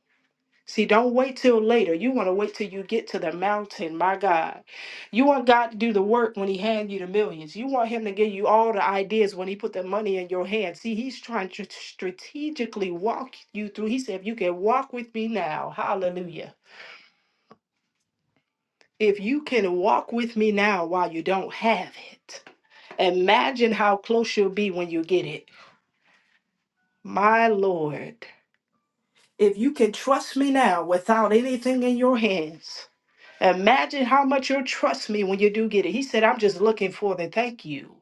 S2: See, don't wait till later. You want to wait till you get to the mountain, my God. You want God to do the work when He hand you the millions. You want Him to give you all the ideas when He put the money in your hand. See, He's trying to strategically walk you through. He said, if you can walk with me now, hallelujah. If you can walk with me now while you don't have it, imagine how close you'll be when you get it. My Lord, if you can trust me now without anything in your hands. Imagine how much you'll trust me when you do get it. He said, I'm just looking for the thank you.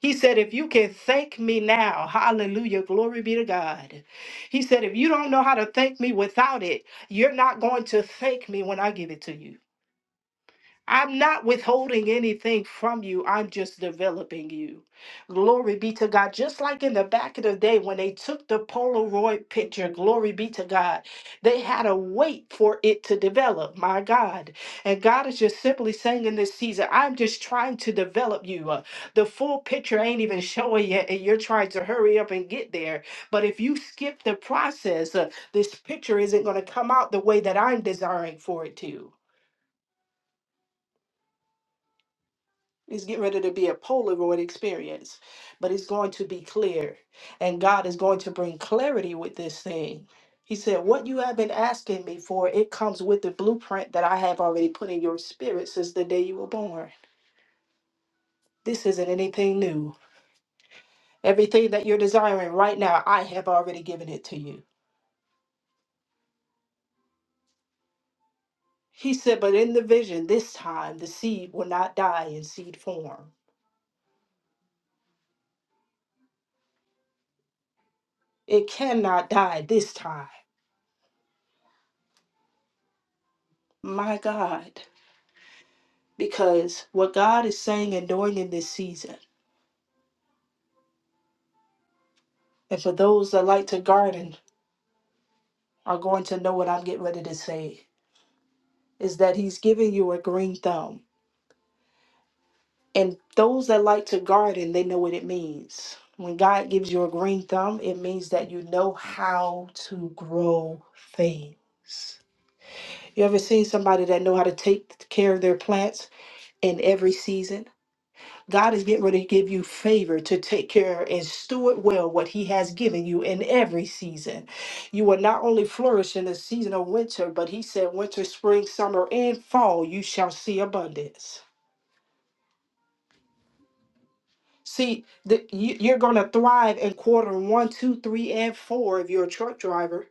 S2: He said, if you can thank me now, hallelujah, glory be to God. He said, if you don't know how to thank me without it, you're not going to thank me when I give it to you. I'm not withholding anything from you. I'm just developing you. Glory be to God. Just like in the back of the day when they took the Polaroid picture, glory be to God, they had to wait for it to develop. My God. And God is just simply saying in this season, I'm just trying to develop you. Uh, the full picture ain't even showing yet, and you're trying to hurry up and get there. But if you skip the process, uh, this picture isn't going to come out the way that I'm desiring for it to. It's getting ready to be a Polaroid experience, but it's going to be clear. And God is going to bring clarity with this thing. He said, What you have been asking me for, it comes with the blueprint that I have already put in your spirit since the day you were born. This isn't anything new. Everything that you're desiring right now, I have already given it to you. He said, But in the vision, this time, the seed will not die in seed form. It cannot die this time. My God. because what God is saying and doing in this season, and for those that like to garden are going to know what I'm getting ready to say, is that He's giving you a green thumb. And those that like to garden, they know what it means. When God gives you a green thumb, it means that you know how to grow things. You ever seen somebody that know how to take care of their plants in every season? God is getting ready to give you favor to take care and steward well what He has given you in every season. You will not only flourish in the season of winter, but He said, winter, spring, summer, and fall, you shall see abundance. See, the, you, you're going to thrive in quarter one, two, three, and four if you're a truck driver.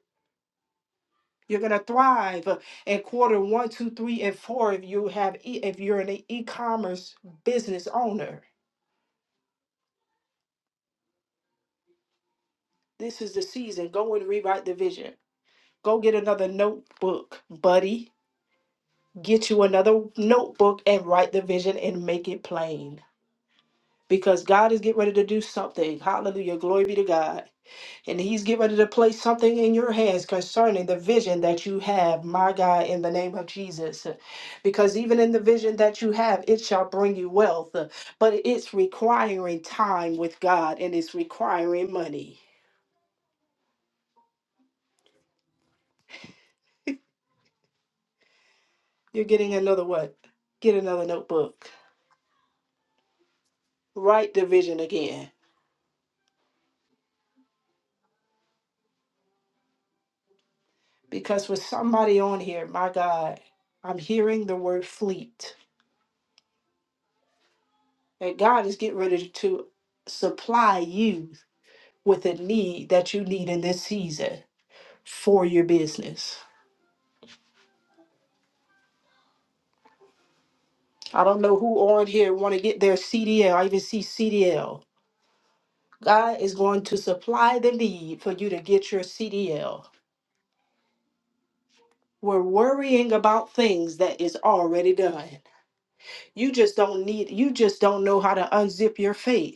S2: You're going to thrive in quarter one, two, three, and four if you have e- if you're an e-commerce business owner. This is the season. Go and rewrite the vision. Go get another notebook, buddy. Get you another notebook and write the vision and make it plain. Because God is getting ready to do something. Hallelujah. Glory be to God. And He's getting ready to place something in your hands concerning the vision that you have, my God, in the name of Jesus. Because even in the vision that you have, it shall bring you wealth. But it's requiring time with God and it's requiring money. You're getting another what? Get another notebook. Write the vision again because with somebody on here, my God, I'm hearing the word fleet. and God is getting ready to supply you with a need that you need in this season for your business. I don't know who on here want to get their CDL. I even see CDL. God is going to supply the need for you to get your CDL. We're worrying about things that is already done. You just don't need you just don't know how to unzip your faith.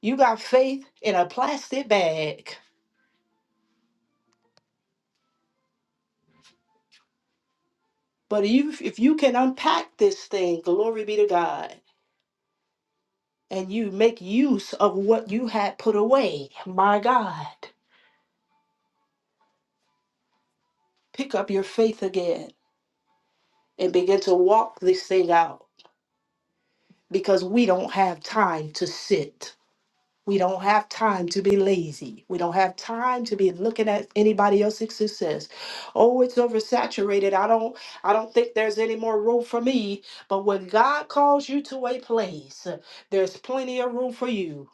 S2: You got faith in a plastic bag. But you, if you can unpack this thing, glory be to God, and you make use of what you had put away, my God, pick up your faith again and begin to walk this thing out because we don't have time to sit. We don't have time to be lazy. We don't have time to be looking at anybody else's success. Oh, it's oversaturated. I don't I don't think there's any more room for me. But when God calls you to a place, there's plenty of room for you.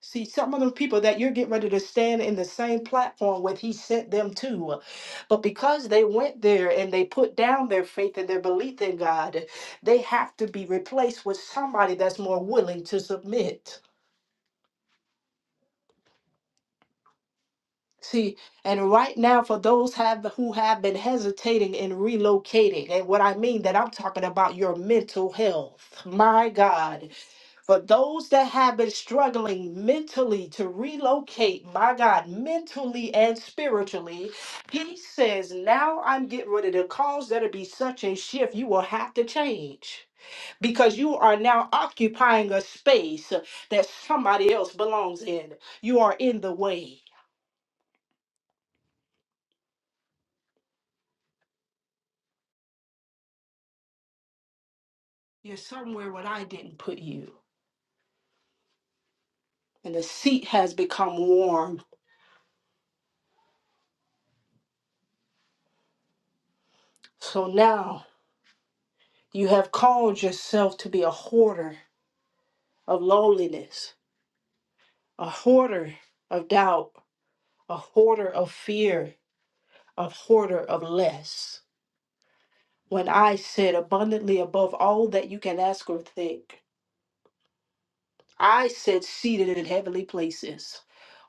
S2: See, some of the people that you're getting ready to stand in the same platform with, he sent them to. But because they went there and they put down their faith and their belief in God, they have to be replaced with somebody that's more willing to submit. See, and right now for those have who have been hesitating in relocating, and what I mean that I'm talking about your mental health. My God. For those that have been struggling mentally to relocate, my God, mentally and spiritually, he says, Now I'm getting rid of the cause that'll be such a shift, you will have to change. Because you are now occupying a space that somebody else belongs in. You are in the way. You're somewhere where I didn't put you, and the seat has become warm. So now you have called yourself to be a hoarder of loneliness, a hoarder of doubt, a hoarder of fear, a hoarder of less. When I said abundantly above all that you can ask or think, I said seated in heavenly places.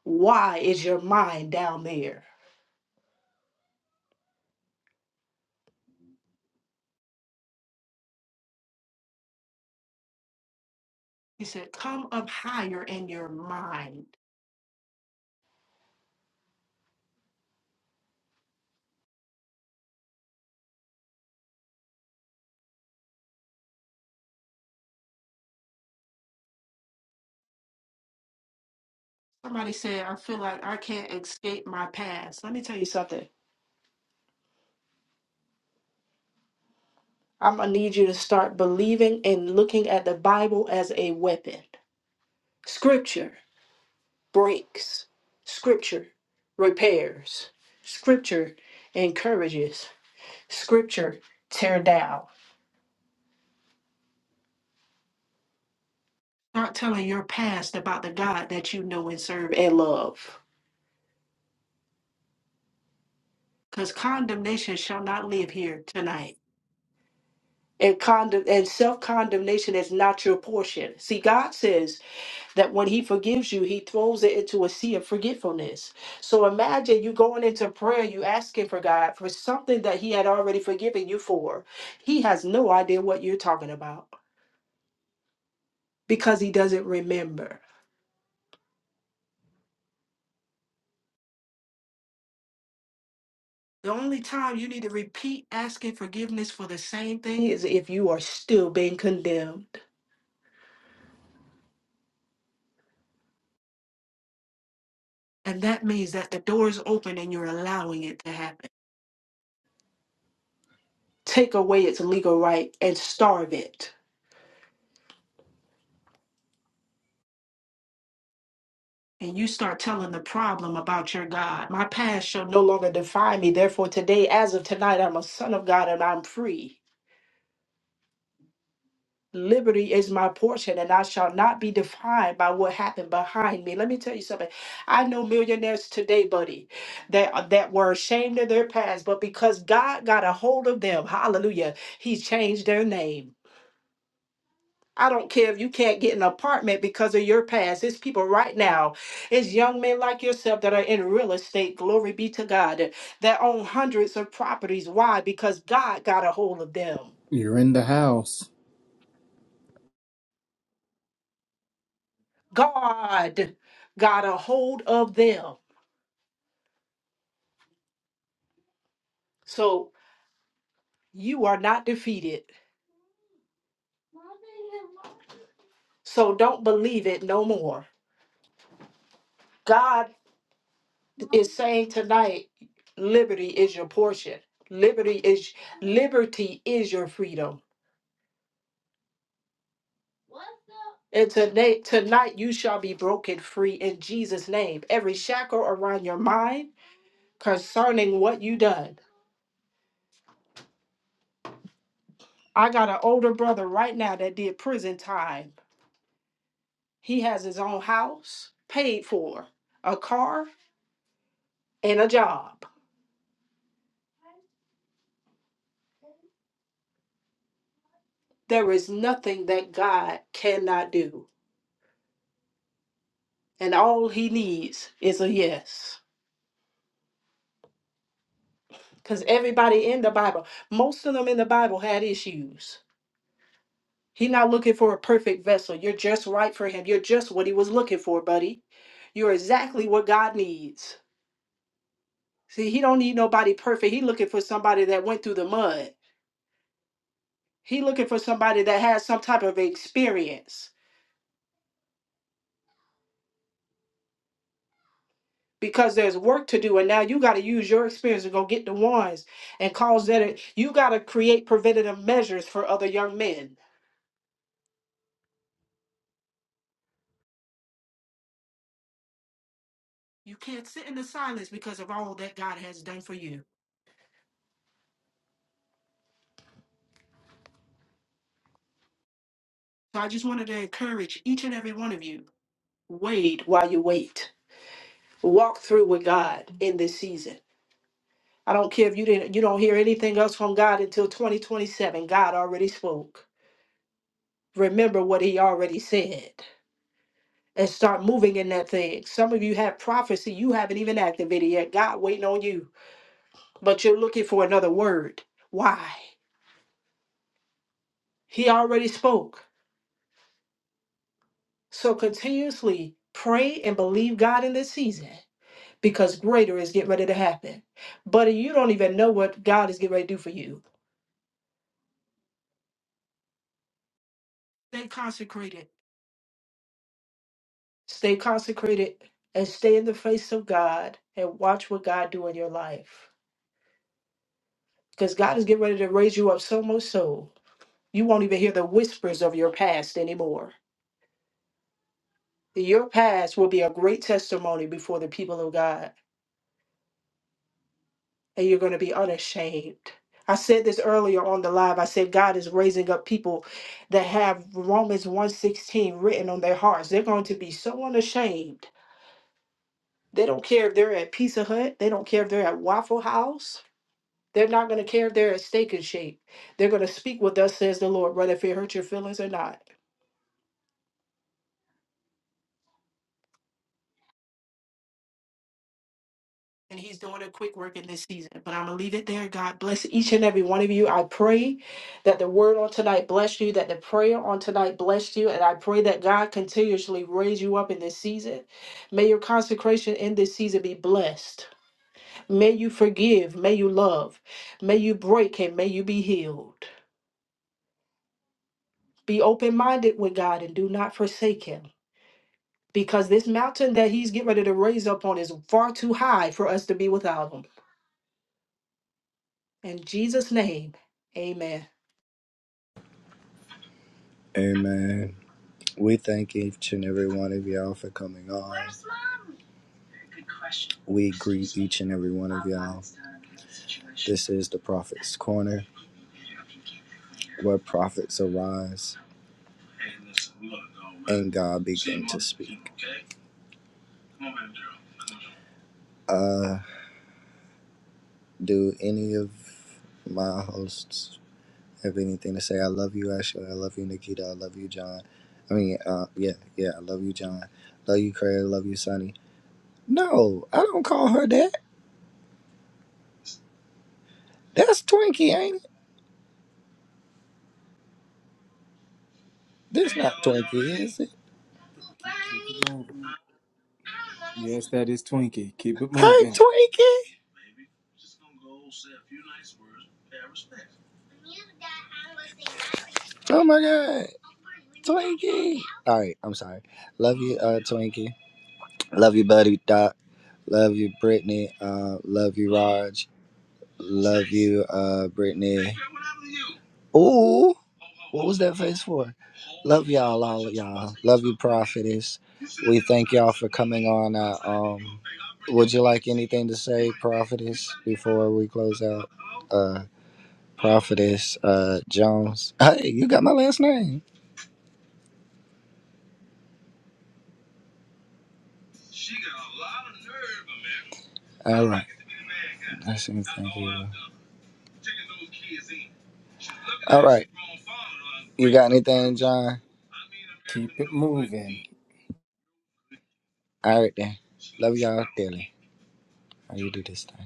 S2: Why is your mind down there? He said, Come up higher in your mind. Somebody said, I feel like I can't escape my past. Let me tell you something. I'm going to need you to start believing and looking at the Bible as a weapon. Scripture breaks, Scripture repairs, Scripture encourages, Scripture tear down. Start telling your past about the God that you know and serve and love. Because condemnation shall not live here tonight. And, condemn and self condemnation is not your portion. See, God says, that when he forgives you, he throws it into a sea of forgetfulness. So imagine you going into prayer, you asking for God for something that he had already forgiven you for. He has no idea what you're talking about because he doesn't remember. The only time you need to repeat asking forgiveness for the same thing is if you are still being condemned. And that means that the door is open and you're allowing it to happen. Take away its legal right and starve it and you start telling the problem about your God. My past shall no longer define me. Therefore, today, as of tonight, I'm a son of God and I'm free. Liberty is my portion, and I shall not be defined by what happened behind me. Let me tell you something. I know millionaires today, buddy, that that were ashamed of their past, but because God got a hold of them, hallelujah, He changed their name. I don't care if you can't get an apartment because of your past. It's people right now. It's young men like yourself that are in real estate. Glory be to God. That own hundreds of properties. Why? Because God got a hold of them.
S3: You're in the house.
S2: God got a hold of them. So you are not defeated. So don't believe it no more. God is saying tonight, liberty is your portion. Liberty is liberty is your freedom. And tonight, tonight you shall be broken free in Jesus' name. Every shackle around your mind concerning what you done. I got an older brother right now that did prison time. He has his own house paid for, a car, and a job. There is nothing that God cannot do. And all he needs is a yes. Because everybody in the Bible, most of them in the Bible had issues. He's not looking for a perfect vessel. You're just right for him. You're just what he was looking for, buddy. You're exactly what God needs. See, he don't need nobody perfect. He looking for somebody that went through the mud. He looking for somebody that has some type of experience because there's work to do and now you got to use your experience to go get the ones and cause that you got to create preventative measures for other young men. You can't sit in the silence because of all that God has done for you. So I just wanted to encourage each and every one of you wait while you wait. Walk through with God in this season. I don't care if you didn't you don't hear anything else from God until 2027. God already spoke. Remember what he already said and start moving in that thing. Some of you have prophecy you haven't even activated yet. God waiting on you, but you're looking for another word. Why? He already spoke. So continuously pray and believe God in this season because greater is getting ready to happen. But you don't even know what God is getting ready to do for you. Stay consecrated. Stay consecrated and stay in the face of God and watch what God do in your life. Because God is getting ready to raise you up so much so you won't even hear the whispers of your past anymore. Your past will be a great testimony before the people of God, and you're going to be unashamed. I said this earlier on the live. I said God is raising up people that have Romans one sixteen written on their hearts. They're going to be so unashamed They don't care if they're at Pizza Hut. They don't care if they're at Waffle House. They're not going to care if they're at Steak and Shake. They're going to speak with us, says the Lord, whether if it hurts your feelings or not. And He's doing a quick work in this season. But I'm going to leave it there. God bless each and every one of you. I pray that the word on tonight blessed you, that the prayer on tonight blessed you. And I pray that God continuously raise you up in this season. May your consecration in this season be blessed. May you forgive. May you love. May you break and may you be healed. Be open minded with God and do not forsake Him because this mountain that He's getting ready to raise up on is far too high for us to be without Him. In Jesus' name, amen.
S1: Amen. We thank each and every one of y'all for coming on. We greet each and every one of y'all. This is the Prophet's Corner, where prophets arise and God begin to speak. Uh, do any of my hosts have anything to say? I love you, Ashley. I love you, Nikita. I love you, John. I mean, uh, yeah, yeah, I love you, John. Love you, Craig. Love you, Sonny. No, I don't call her that. That's Twinkie, ain't it? That's not Twinkie, is it?
S3: Keep, keep, keep it moving. Yes, that is Twinkie. Keep it
S1: Hey,
S3: moving.
S1: Twinkie. Oh my god, Twinkie! All right, I'm sorry. Love you, uh, Twinkie. Love you, buddy Doc. Love you, Brittany. Uh, love you, Raj. Love you, uh, Brittany. Ooh, what was that face for? Love y'all, all of y'all. Love you, Prophetess. We thank y'all for coming on. Uh, um, would you like anything to say, Prophetess, before we close out? Uh, Prophetess uh, Jones. Hey, you got my last name. All right. I should thank you. All right. You got anything, John?
S3: Keep it moving.
S1: All right then. Love y'all dearly. How you do this time?